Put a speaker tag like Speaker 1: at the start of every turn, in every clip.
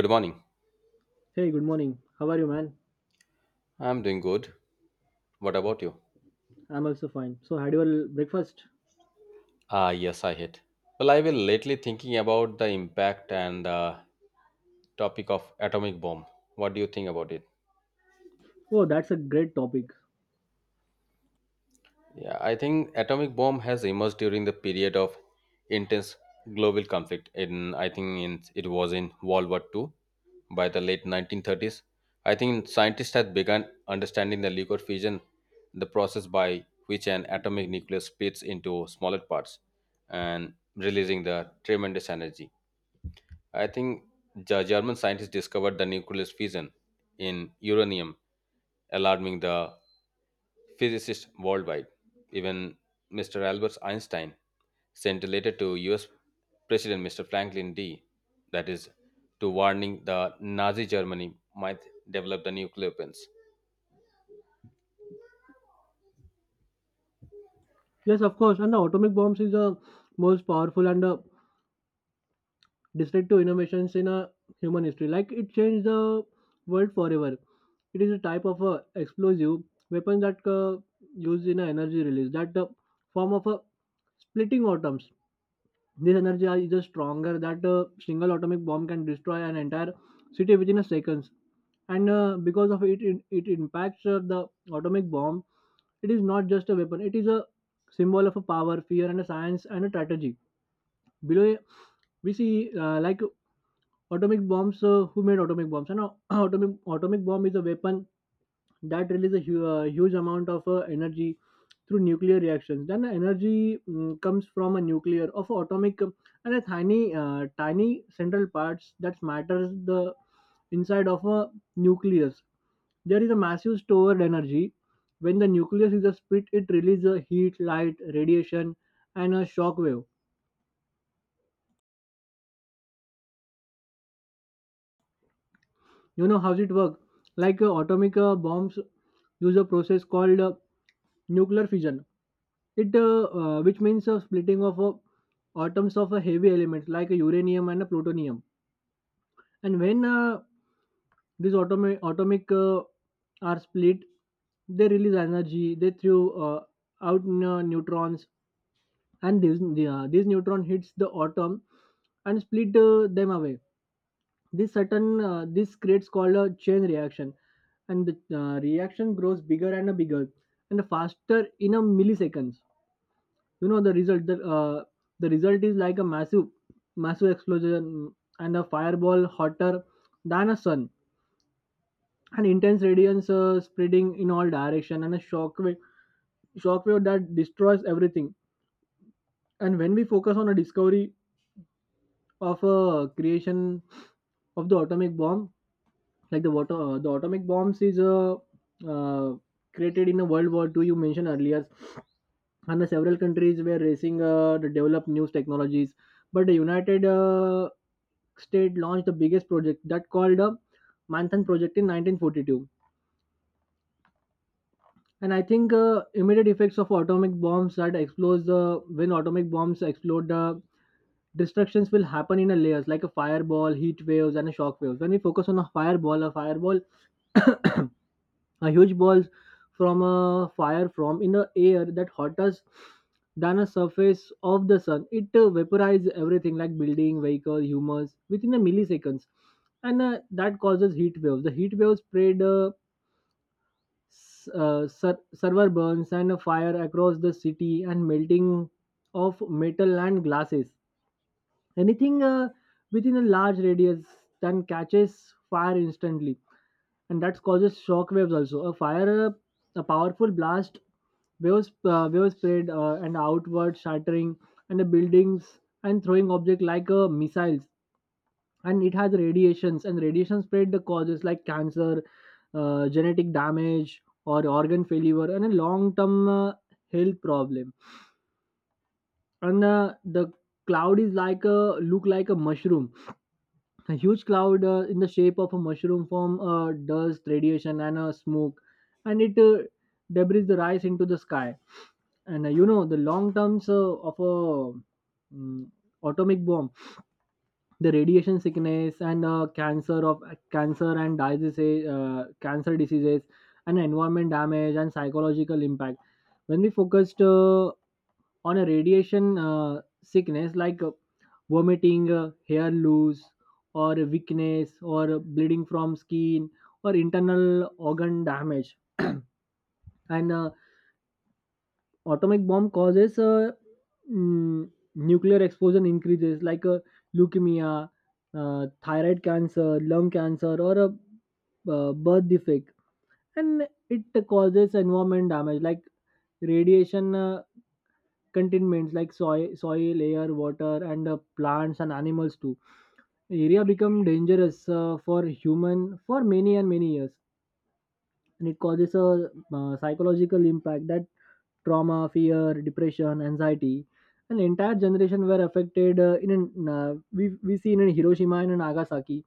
Speaker 1: Good morning.
Speaker 2: Hey, good morning. How are you, man?
Speaker 1: I'm doing good. What about you?
Speaker 2: I'm also fine. So, had your breakfast?
Speaker 1: Ah, yes, I hit. Well, I will lately thinking about the impact and the topic of atomic bomb. What do you think about it?
Speaker 2: Oh, that's a great topic.
Speaker 1: Yeah, I think atomic bomb has emerged during the period of intense global conflict. In I think it was in World War II. By the late 1930s. I think scientists had begun understanding the nuclear fission, the process by which an atomic nucleus splits into smaller parts and releasing the tremendous energy. I think the German scientists discovered the nucleus fission in uranium, alarming the physicists worldwide. Even Mr. Albert Einstein sent a letter to US President Mr. Franklin D. That is to warning the Nazi Germany might develop the nuclear weapons.
Speaker 2: Yes, of course. And the atomic bombs is the most powerful and destructive innovations in human history. Like it changed the world forever. It is a type of explosive weapon that used in a energy release that form of splitting atoms. This energy is just stronger that a single atomic bomb can destroy an entire city within a seconds. And because of it, impacts the atomic bomb. It is not just a weapon; it is a symbol of a power, fear, and a science and a strategy. Below, we see like atomic bombs. Who made atomic bombs? You know, atomic bomb is a weapon that releases a huge amount of energy through nuclear reactions. Then energy comes from a nuclear of atomic and a tiny central parts that matters the inside of a nucleus. There is a massive stored energy. When the nucleus is a split, it releases a heat, light, radiation, and a shock wave. You know how's it work, like atomic bombs use a process called nuclear fission. It which means splitting of atoms of a heavy elements like uranium and plutonium. And when these atomic are split, they release energy. They throw uh, out neutrons, and these neutron hits the atom and split them away. This creates called a chain reaction, and the reaction grows bigger and bigger and faster in a milliseconds. You know the result. The result is like a massive explosion and a fireball hotter than a sun, and intense radiance spreading in all direction and a shockwave that destroys everything. And when we focus on a discovery of a creation of the atomic bomb, like the water the atomic bombs is uh, created in a World War Two. You mentioned earlier, and the several countries were racing to develop new technologies, but the United state launched the biggest project that called the Manhattan Project in 1942. And I think immediate effects of atomic bombs that explodes the when atomic bombs explode, the destructions will happen in a layers like a fireball, heat waves, and a shock waves. When we focus on a fireball a huge balls from a fire from in the air that hotter than a surface of the sun. It vaporizes everything like building, vehicle, humans within a milliseconds, and that causes heat waves. The heat waves spread server burns and a fire across the city and melting of metal and glasses. Anything within a large radius then catches fire instantly, and that causes shock waves also. A fire, a powerful blast, waves, waves spread and outward, shattering and the buildings and throwing object like missiles. And it has radiations, and radiation spread the causes like cancer, genetic damage, or organ failure, and a long-term health problem. And the cloud is like a look like a mushroom, a huge cloud in the shape of a mushroom form dust, radiation, and smoke, and it debris the rise into the sky. And you know the long terms of a mm, atomic bomb, the radiation sickness and cancer of cancer diseases, and environment damage and psychological impact. When we focused on a radiation sickness, like vomiting, hair loss, or weakness, or bleeding from skin, or internal organ damage. And atomic bomb causes mm, nuclear explosion increases like leukemia, thyroid cancer, lung cancer, or a birth defect, and it causes environment damage like radiation. Containments like soil, air, water, and plants and animals too. Area become dangerous for human for many and many years, and it causes a psychological impact that trauma, fear, depression, anxiety. An entire generation were affected. In an, we see in Hiroshima and in Nagasaki,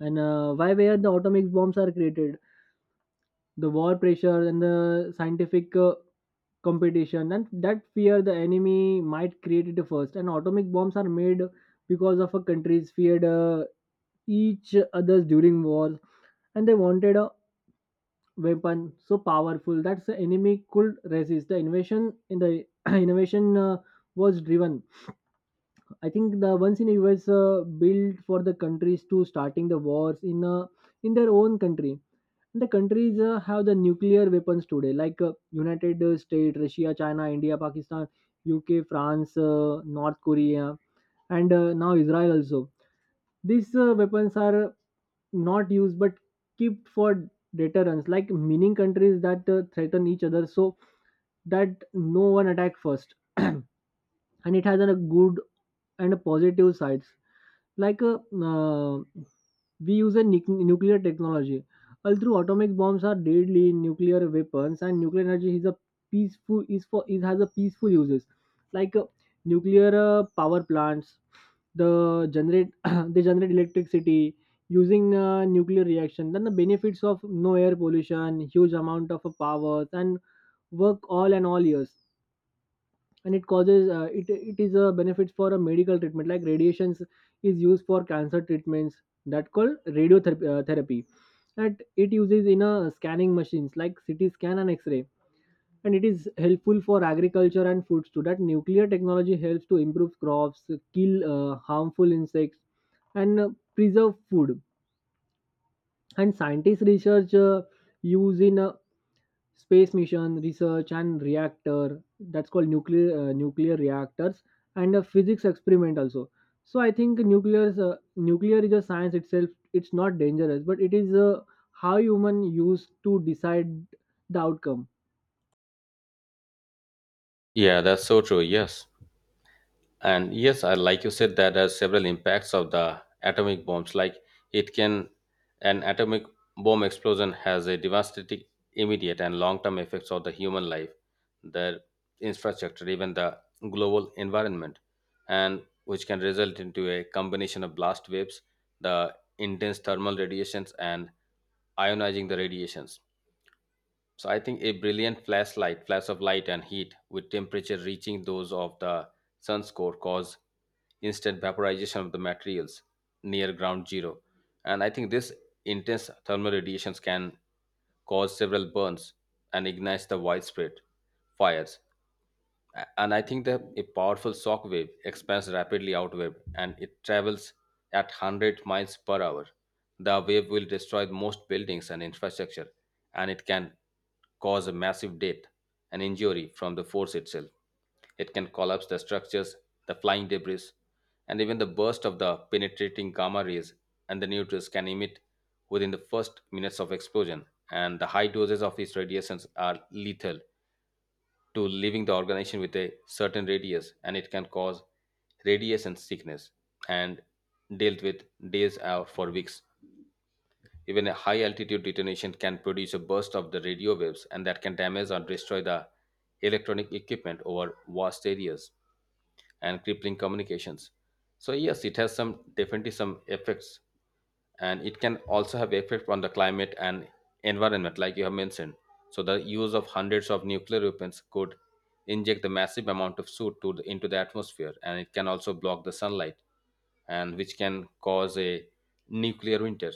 Speaker 2: and why where the atomic bombs are created, the war pressure and the scientific competition and that fear the enemy might create it first, and atomic bombs are made because of a countries feared each others during wars, and they wanted a weapon so powerful that the enemy could resist the invasion in the innovation was driven. I think the ones in US built for the countries to starting the wars in their own country. The countries have the nuclear weapons today, like United States, Russia, China, India, Pakistan, UK, France, North Korea, and now Israel also. These weapons are not used but kept for deterrence, like meaning countries that threaten each other so that no one attack first. And it has a good and positive sides like uh, we use a nuclear technology. Although atomic bombs are deadly nuclear weapons and nuclear energy is a peaceful is for, it has a peaceful uses like nuclear power plants the generate they generate electricity using nuclear reaction, then the benefits of no air pollution, huge amount of power, and work all and all years. And it causes, it is a benefits for a medical treatment like radiations is used for cancer treatments that called radiotherapy therapy, that it uses in a scanning machines like CT scan and x-ray. And it is helpful for agriculture and foods too, that nuclear technology helps to improve crops, kill harmful insects and preserve food. And scientists research use in space mission research and reactor that's called nuclear nuclear reactors and a physics experiment also. So I think nuclear is nuclear is a science itself. It's not dangerous, but it is how human use to decide the outcome.
Speaker 1: Yeah, that's so true. Yes. And yes, I like you said that has several impacts of the atomic bombs. Like it can, an atomic bomb explosion has a devastating, immediate, and long-term effects of the human life, the infrastructure, even the global environment, and which can result into a combination of blast waves, the intense thermal radiations, and ionizing the radiations, so I think a brilliant flash of light and heat with temperature reaching those of the sun's core cause instant vaporization of the materials near ground zero. And I think this intense thermal radiations can cause several burns and ignites the widespread fires. And I think that a powerful shock wave expands rapidly outward and it travels at 100 miles per hour. The wave will destroy most buildings and infrastructure, and it can cause a massive death and injury from the force itself. It can collapse the structures, the flying debris, and even the burst of the penetrating gamma rays and the neutrinos can emit within the first minutes of explosion. And the high doses of these radiations are lethal to leaving the organization with a certain radius and it can cause radiation sickness and dealt with days or for weeks. Even a high altitude detonation can produce a burst of the radio waves and that can damage or destroy the electronic equipment over vast areas and crippling communications. So yes, it has some definitely some effects, and it can also have effect on the climate and environment, like you have mentioned. So the use of hundreds of nuclear weapons could inject the massive amount of soot to into the atmosphere, and it can also block the sunlight, and which can cause a nuclear winter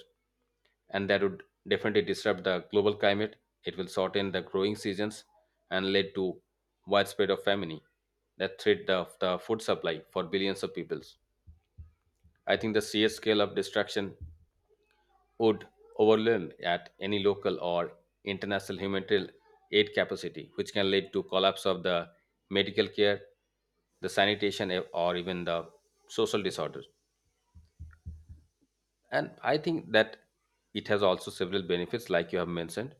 Speaker 1: and that would definitely disrupt the global climate. It will shorten the growing seasons and lead to widespread of famine that threat the food supply for billions of peoples. I think the sheer scale of destruction would overwhelm at any local or international humanitarian aid capacity, which can lead to collapse of the medical care, the sanitation, eh, or even the social disorder. And I think that it has also several benefits like you have mentioned,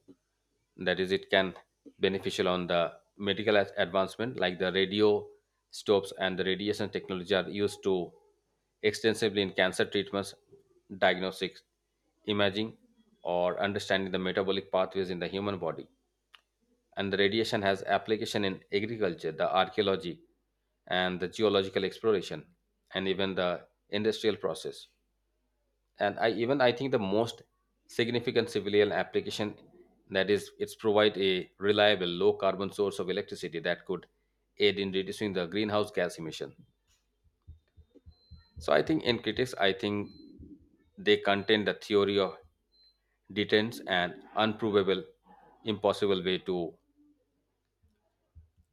Speaker 1: that is it can beneficial on the medical advancement like the radio stops and the radiation technology are used to extensively in cancer treatments, diagnostics, imaging, or understanding the metabolic pathways in the human body. And the radiation has application in agriculture, the archaeology, and the geological exploration, and even the industrial process. And I even I think the most significant civilian application, that is it's provide a reliable low carbon source of electricity that could aid in reducing the greenhouse gas emission. So I think in critics I think they contain the theory of deterrence and unprovable impossible way to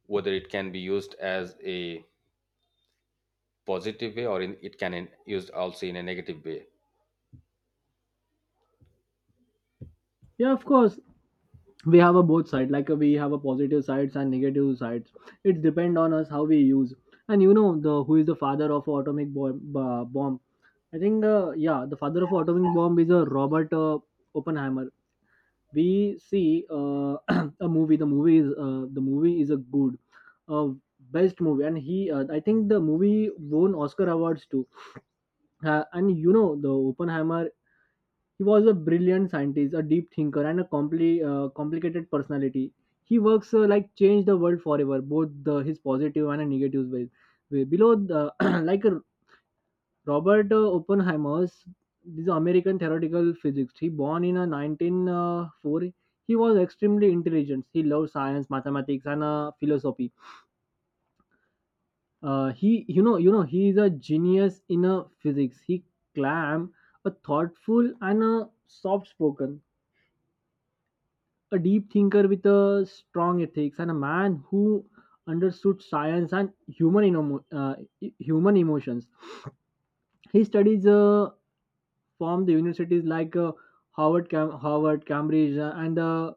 Speaker 1: whether it can be used as a positive way or it can used also in a negative way.
Speaker 2: Yeah, of course. We have a both side like we have a positive sides and negative sides. It depend on us how we use. And you know the who is the father of atomic bomb, bomb? I think yeah, the father of atomic bomb is a Robert Oppenheimer. We see a movie. The movie is a good uh, best movie, and he I think the movie won Oscar awards too. And you know the Oppenheimer, he was a brilliant scientist, a deep thinker, and a complicated personality. He works like change the world forever, both the, his positive and a negative ways way below the like a. Robert Oppenheimer's this American theoretical physics. He born in 1904. He was extremely intelligent. He loved science, mathematics, and philosophy. He, you know, he is a genius in physics. He clam a thoughtful and a soft-spoken, a deep thinker with a strong ethics, and a man who understood science and human human emotions. He studies from the universities like Howard, Howard, Cambridge, and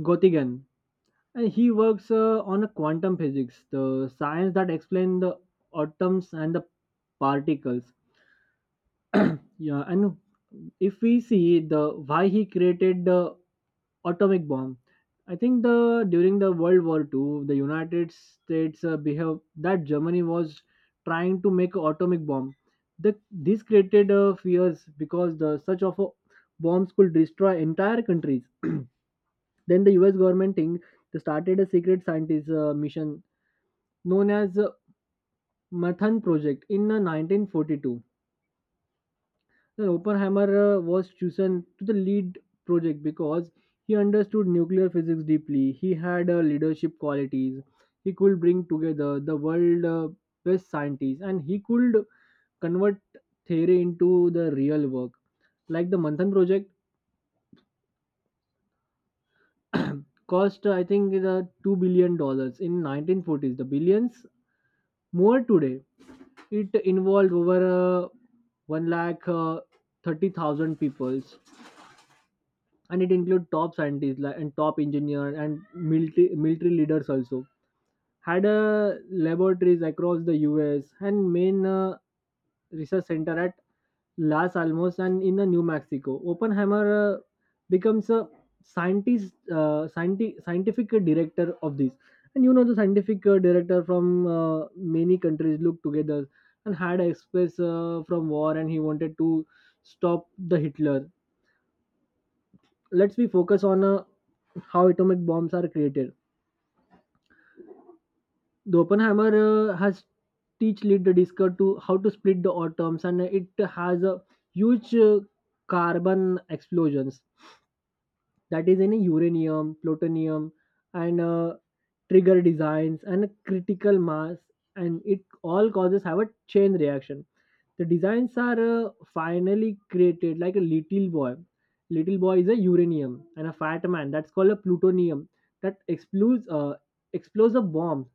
Speaker 2: Göttingen, and he works on a quantum physics, the science that explains the atoms and the particles. Yeah, and if we see the why he created the atomic bomb, I think the during the World War II, the United States behave that Germany was trying to make a atomic bomb. The, this created fears because the such of a bombs could destroy entire countries. Then the U.S. government thing they started a secret scientist mission known as Mathan Project in 1942. Now, Oppenheimer was chosen to the lead project because he understood nuclear physics deeply. He had leadership qualities. He could bring together the world best scientists, and he could convert theory into the real work. Like the Manthan project cost, I think, is, $2 billion in 1940s. The billions more today. It involved over one lakh 30,000 people, and it included top scientists like, and top engineers and military leaders also. Had laboratories across the US and main research center at Las Alamos and in New Mexico. Oppenheimer becomes a scientist scientific director of this. And you know the scientific director from many countries looked together and had express from war, and he wanted to stop the Hitler. Let's be focus on how atomic bombs are created. The Oppenheimer has teach lead the discover to how to split the atoms, and it has a huge carbon explosions that is any uranium, plutonium, and trigger designs and a critical mass, and it all causes have a chain reaction. The designs are finally created like a little boy. Little boy is a uranium, and a fat man that's called a plutonium that explodes a bomb,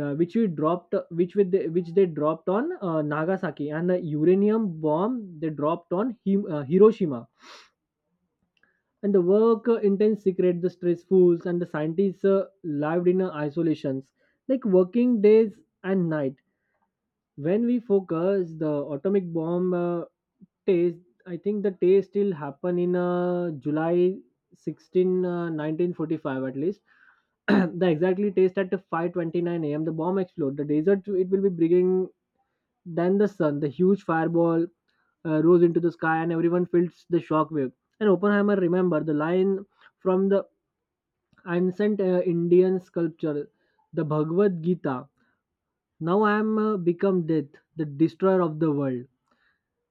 Speaker 2: which they dropped on Nagasaki, and the uranium bomb they dropped on Hiroshima. And the work, intense secret, the stressfuls, and the scientists lived in isolations, like working days and night. When we focus the atomic bomb taste, I think the taste still happen in July 16 1945 at least. The exactly taste at 5:29 a.m., the bomb explode the desert, it will be bringing, then the sun, the huge fireball rose into the sky, and everyone felt the shockwave. And Oppenheimer remember the line from the ancient Indian sculpture, the Bhagavad Gita: now I am become death, the destroyer of the world.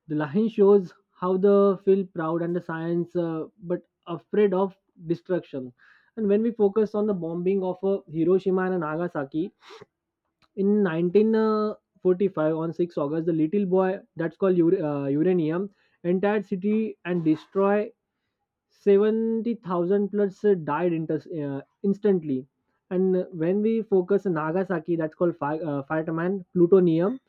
Speaker 2: The line shows how the feel proud and the science, but afraid of destruction. And when we focus on the bombing of Hiroshima and Nagasaki in 1945 on 6 August, the little boy that's called uranium, entire city and destroy 70,000 plus died instantly. And when we focus on Nagasaki, that's called fireman plutonium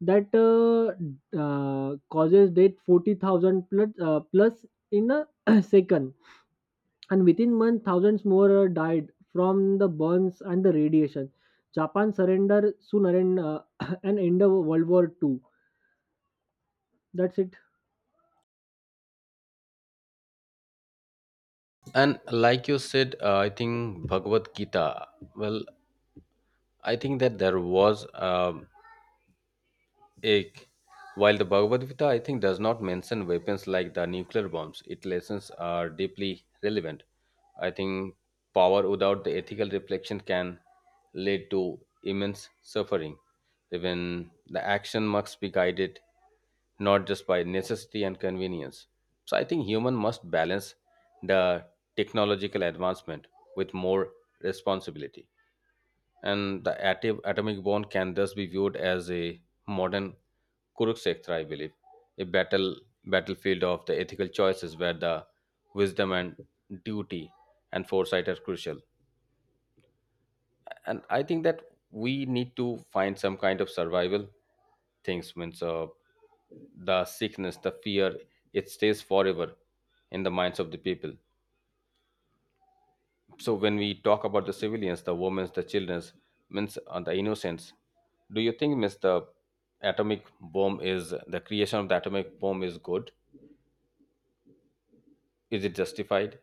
Speaker 2: that causes death 40,000 plus in a second. And within months, thousands more died from the burns and the radiation. Japan surrendered soon and and end of World War II. That's it.
Speaker 1: And like you said, I think Bhagavad Gita, well, I think that there was a while the Bhagavad Gita I think does not mention weapons like the nuclear bombs. Its lessons are deeply relevant. I think power without the ethical reflection can lead to immense suffering. Even the action must be guided not just by necessity and convenience. So I think human must balance the technological advancement with more responsibility. And the atomic bomb can thus be viewed as a modern Kurukshetra, I believe, a battlefield of the ethical choices where the wisdom and duty and foresight are crucial. And I think that we need to find some kind of survival things means, the sickness, the fear, it stays forever in the minds of the people. So when we talk about the civilians, the women, the children, means, the innocents, do you think means the atomic bomb is the creation of the atomic bomb is good, is it justified?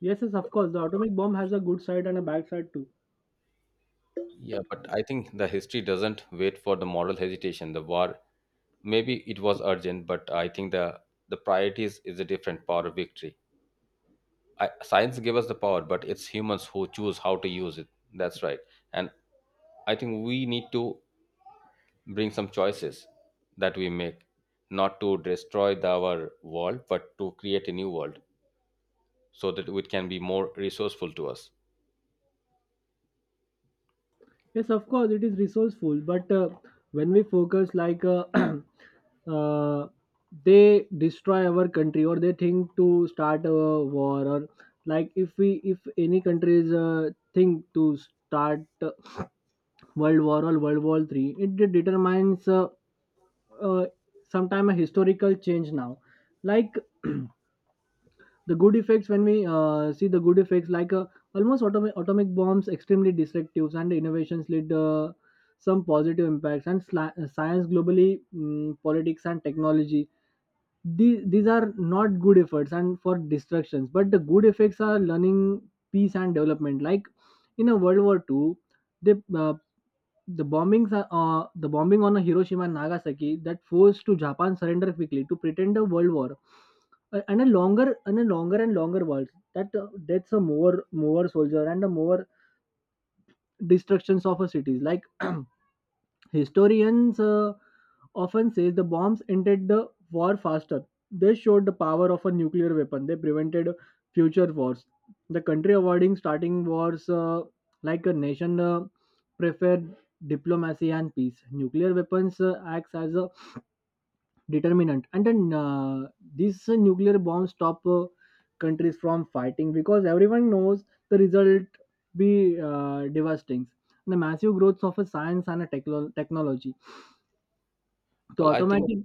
Speaker 2: Yes, yes, of course. The atomic bomb has a good side and a bad side too.
Speaker 1: Yeah, but I think the history doesn't wait for the moral hesitation. The war maybe it was urgent, but I think the priorities is a different power of victory. Science gave us the power but it's humans who choose how to use it, that's right. And I think we need to bring some choices that we make not to destroy our world but to create a new world so that it can be more resourceful to us.
Speaker 2: Yes, of course, it is resourceful, but when we focus, like uh, they destroy our country, or they think to start a war, or like, if any countries think to start World War or World War III, it determines uh, sometime a historical change now, like. The good effects, when we see the good effects, like almost atomic bombs extremely destructive and innovations lead some positive impacts, and science globally, politics and technology. These are not good efforts and for destructions, but the good effects are learning peace and development, like in a World War II, they the bombings are, the bombing on Hiroshima and Nagasaki that forced to Japan surrender quickly to pretend a world war. And a longer world, that that's a more soldier and a more destructions of a cities like. Historians often say the bombs ended the war faster. They showed the power of a nuclear weapon. They prevented future wars. The country avoiding starting wars, like a nation, preferred diplomacy and peace. Nuclear weapons acts as a determinant, and then these nuclear bombs stop countries from fighting because everyone knows the result be devastating. The massive growth of a science and a technology, so,
Speaker 1: Well, I think,
Speaker 2: automatic,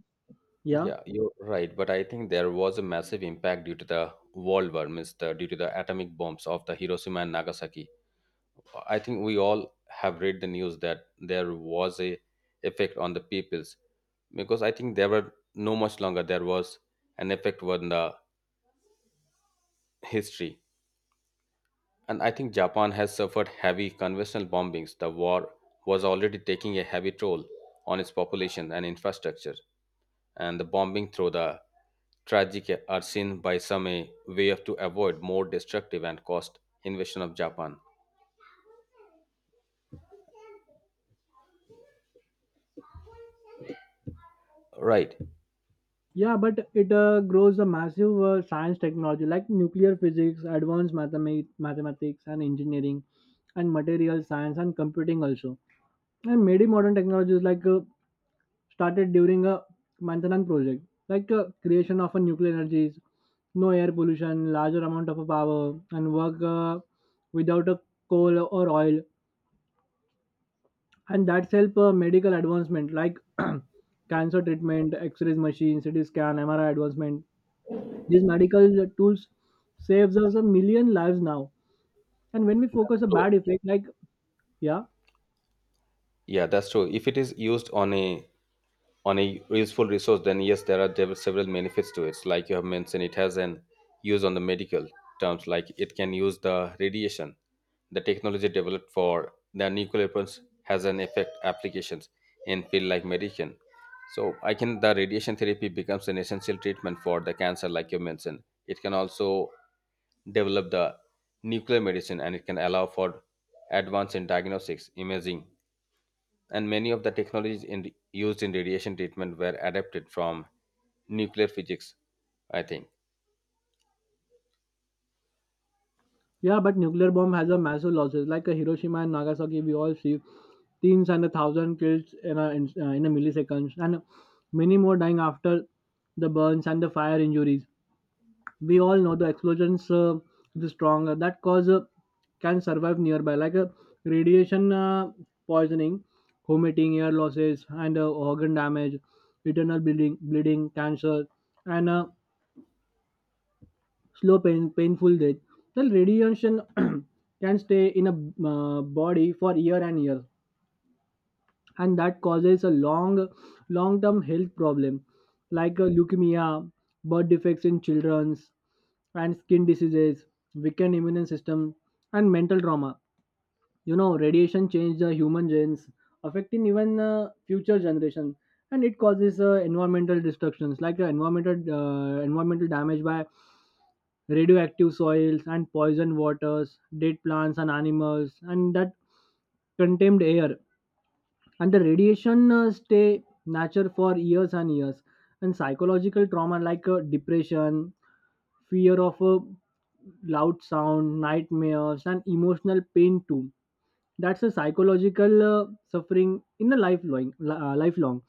Speaker 2: yeah,
Speaker 1: yeah, you're right, but I think there was a massive impact due to the world war means due to the atomic bombs of the Hiroshima and Nagasaki. I think we all have read the news that there was a effect on the peoples because I think there were no much longer there was an effect on the history. And I think Japan has suffered heavy conventional bombings. The war was already taking a heavy toll on its population and infrastructure, and the bombing through the tragic are seen by some a way of to avoid more destructive and cost invasion of Japan. Right.
Speaker 2: yeah, but it grows a massive science technology, like nuclear physics, advanced mathematics, and engineering, and material science and computing also. And many modern technologies like, started during a Mantanan project, like creation of a nuclear energies, no air pollution, larger amount of power, and work without a coal or oil. And that's help medical advancement like, cancer treatment, X-rays machine, CT scan, MRI advancement. These medical tools saves us a million lives now. And when we focus a
Speaker 1: So,
Speaker 2: bad effect, like. Yeah,
Speaker 1: yeah, that's true. If it is used on a useful resource, then yes, there are several benefits to it. Like you have mentioned, it has an use on the medical terms, like it can use the radiation. The technology developed for the nuclear weapons has an effect applications in field like medicine. So I can the radiation therapy becomes an essential treatment for the cancer, like you mentioned. It can also develop the nuclear medicine and it can allow for advance in diagnostics, imaging, and many of the technologies used in radiation treatment were adapted from nuclear physics, I think.
Speaker 2: yeah, but nuclear bomb has a massive losses, like a Hiroshima and Nagasaki. We all see teens and a thousand kills in a in a milliseconds, and many more dying after the burns and the fire injuries. We all know the explosions, the strong, that cause, can survive nearby, like radiation poisoning, vomiting, air losses, and organ damage, internal bleeding cancer, and slow painful death. Then radiation can stay in a body for year and years, and that causes a long term health problem like leukemia, birth defects in children's, and skin diseases, weakened immune system, and mental trauma. Radiation change the human genes, affecting even future generation. And it causes environmental destructions, like environmental damage by radioactive soils and poisoned waters, dead plants and animals, and that contained air. And the radiation stay nature for years and years. And psychological trauma, like depression, fear of a loud sound, nightmares, and emotional pain too. That's a psychological suffering in a lifelong lifelong.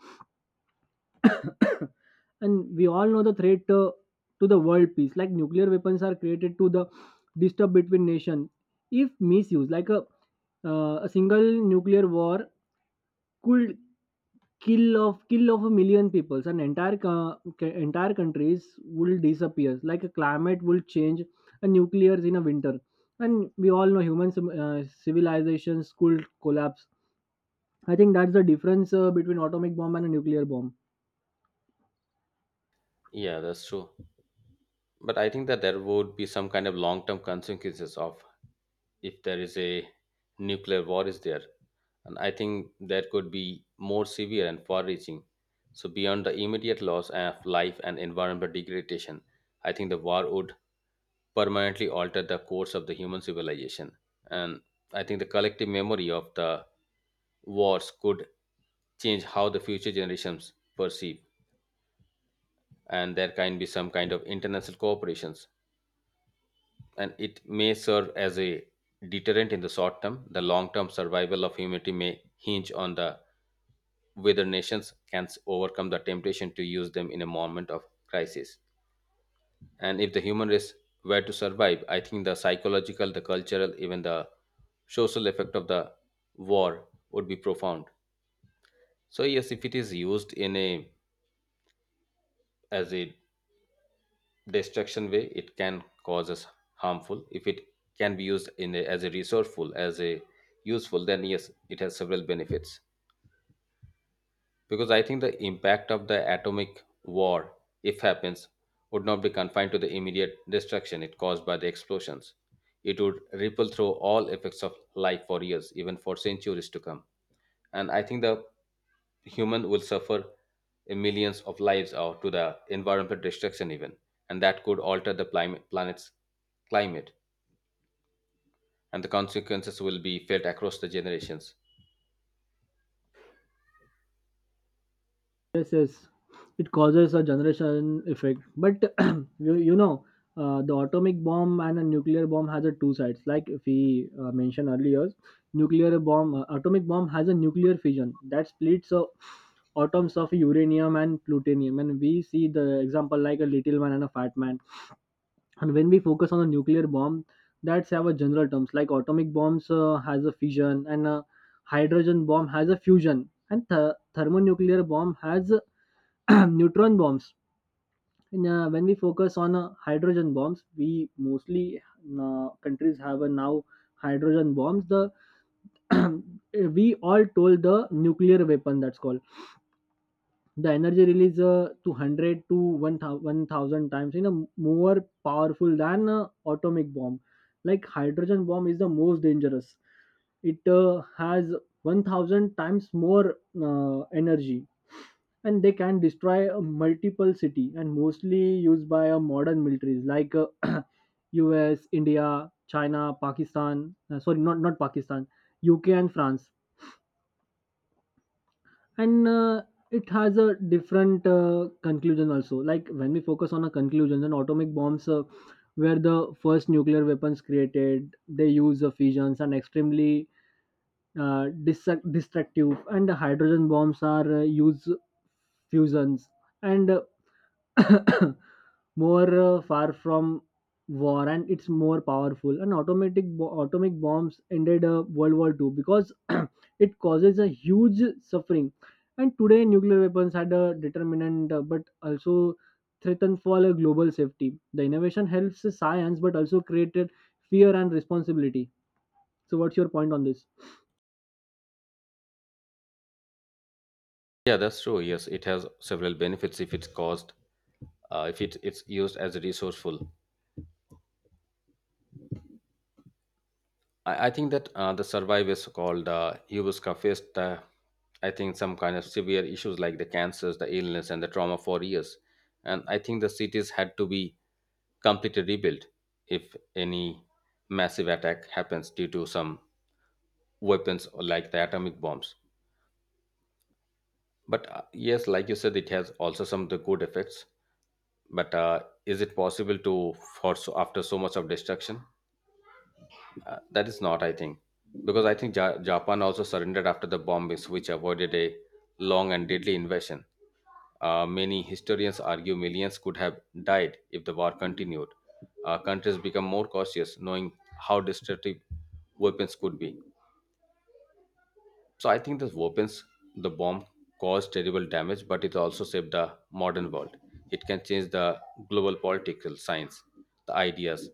Speaker 2: And we all know the threat, to the world peace, like nuclear weapons are created to the disturb between nations. If misused, like a single nuclear war could kill of a million peoples, an entire entire countries will disappear, like a climate will change, a nuclears in a winter. And we all know human civilizations could collapse. I think that's the difference between atomic bomb and a nuclear bomb.
Speaker 1: Yeah, that's true. But I think that there would be some kind of long term consequences of if there is a nuclear war is there. And I think that could be more severe and far reaching. So beyond the immediate loss of life and environmental degradation, I think the war would permanently altered the course of the human civilization. And I think the collective memory of the wars could change how the future generations perceive, and there can be some kind of international cooperations. And it may serve as a deterrent in the short term. The long term survival of humanity may hinge on the whether nations can overcome the temptation to use them in a moment of crisis. And if the human race were to survive, I think the psychological, the cultural, even the social effect of the war would be profound. So yes, if it is used in a as a destruction way it can cause us harmful, if it can be used in a, as a resourceful as a useful, then yes it has several benefits, because I think the impact of the atomic war if happens would not be confined to the immediate destruction it caused by the explosions, it would ripple through all effects of life for years even for centuries to come. And I think the human will suffer in millions of lives or to the environmental destruction even, and that could alter the planet's climate, and the consequences will be felt across the generations.
Speaker 2: Yes, yes, it causes a generation effect. But you, you know, the atomic bomb and a nuclear bomb has a two sides. Like we mentioned earlier, atomic bomb has a nuclear fission that splits atoms of uranium and plutonium. And we see the example like a little man and a fat man. And when we focus on the nuclear bomb, that's our general terms. Like atomic bombs has a fission, and a hydrogen bomb has a fusion, and thermonuclear bomb has neutron bombs. When we focus on hydrogen bombs, we mostly countries have a now hydrogen bombs. The We all told the nuclear weapon that's called the energy released 200 to 1000 1000 times more powerful than atomic bomb. Like, hydrogen bomb is the most dangerous. It has 1000 times more energy, and they can destroy a multiple city, and mostly used by modern militaries, like US, India, China, Pakistan. Sorry, not Pakistan. UK and France. And it has a different conclusion also. Like when we focus on a conclusion, then atomic bombs were the first nuclear weapons created. They use fissions and extremely destructive, and the hydrogen bombs are use fusions and more far from war, and it's more powerful. And atomic bombs ended World War II because it causes a huge suffering. And today nuclear weapons had a determinant, but also threaten for a global safety. The innovation helps science but also created fear and responsibility. So what's your point on this?
Speaker 1: Yeah, that's true. Yes, it has several benefits if it's caused, if it's used as a resourceful. I think that the survivors called Hubuska faced, I think, some kind of severe issues like the cancers, the illness, and the trauma for years. And I think the cities had to be completely rebuilt if any massive attack happens due to some weapons or like the atomic bombs. But yes, like you said, it has also some of the good effects, but is it possible to for so after so much of destruction, that is not I think, because I think Japan also surrendered after the bombings which avoided a long and deadly invasion. Many historians argue millions could have died if the war continued. Countries become more cautious knowing how destructive weapons could be. So I think the weapons, the bomb caused terrible damage but it also saved the modern world. It can change the global political science, the ideas.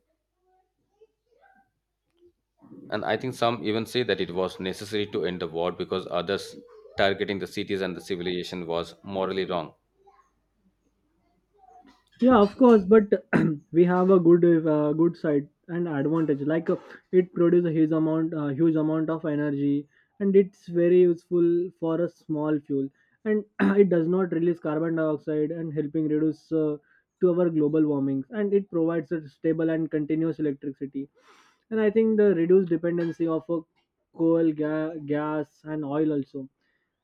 Speaker 1: And I think some even say that it was necessary to end the war because others targeting the cities and the civilization was morally wrong.
Speaker 2: Yeah, of course, but we have a good side and advantage. Like it produces a huge amount of energy, and it's very useful for a small fuel. And it does not release carbon dioxide and helping reduce to our global warming. And it provides a stable and continuous electricity. And I think the reduced dependency of coal, gas, and oil also,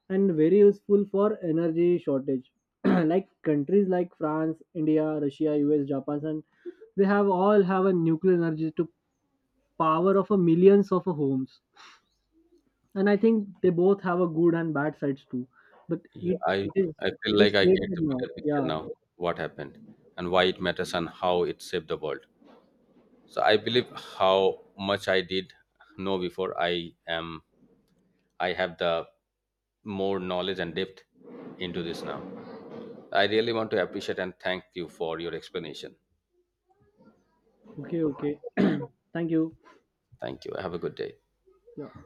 Speaker 2: and very useful for energy shortage, like countries like France, India, Russia, US, Japan, and they have all have a nuclear energy to power of a millions of a homes. And I think they both have a good and bad sides too. But
Speaker 1: Yeah,
Speaker 2: it
Speaker 1: I,
Speaker 2: it is
Speaker 1: I feel
Speaker 2: it
Speaker 1: like
Speaker 2: is
Speaker 1: I
Speaker 2: great
Speaker 1: get the
Speaker 2: now.
Speaker 1: bigger picture
Speaker 2: Yeah.
Speaker 1: now, what happened and why it matters and how it saved the world. So I believe how much I did know before I have the more knowledge and depth into this now. I really want to appreciate and thank you for your explanation.
Speaker 2: Okay. Okay. Thank you.
Speaker 1: Thank you. Have a good day.
Speaker 2: Yeah.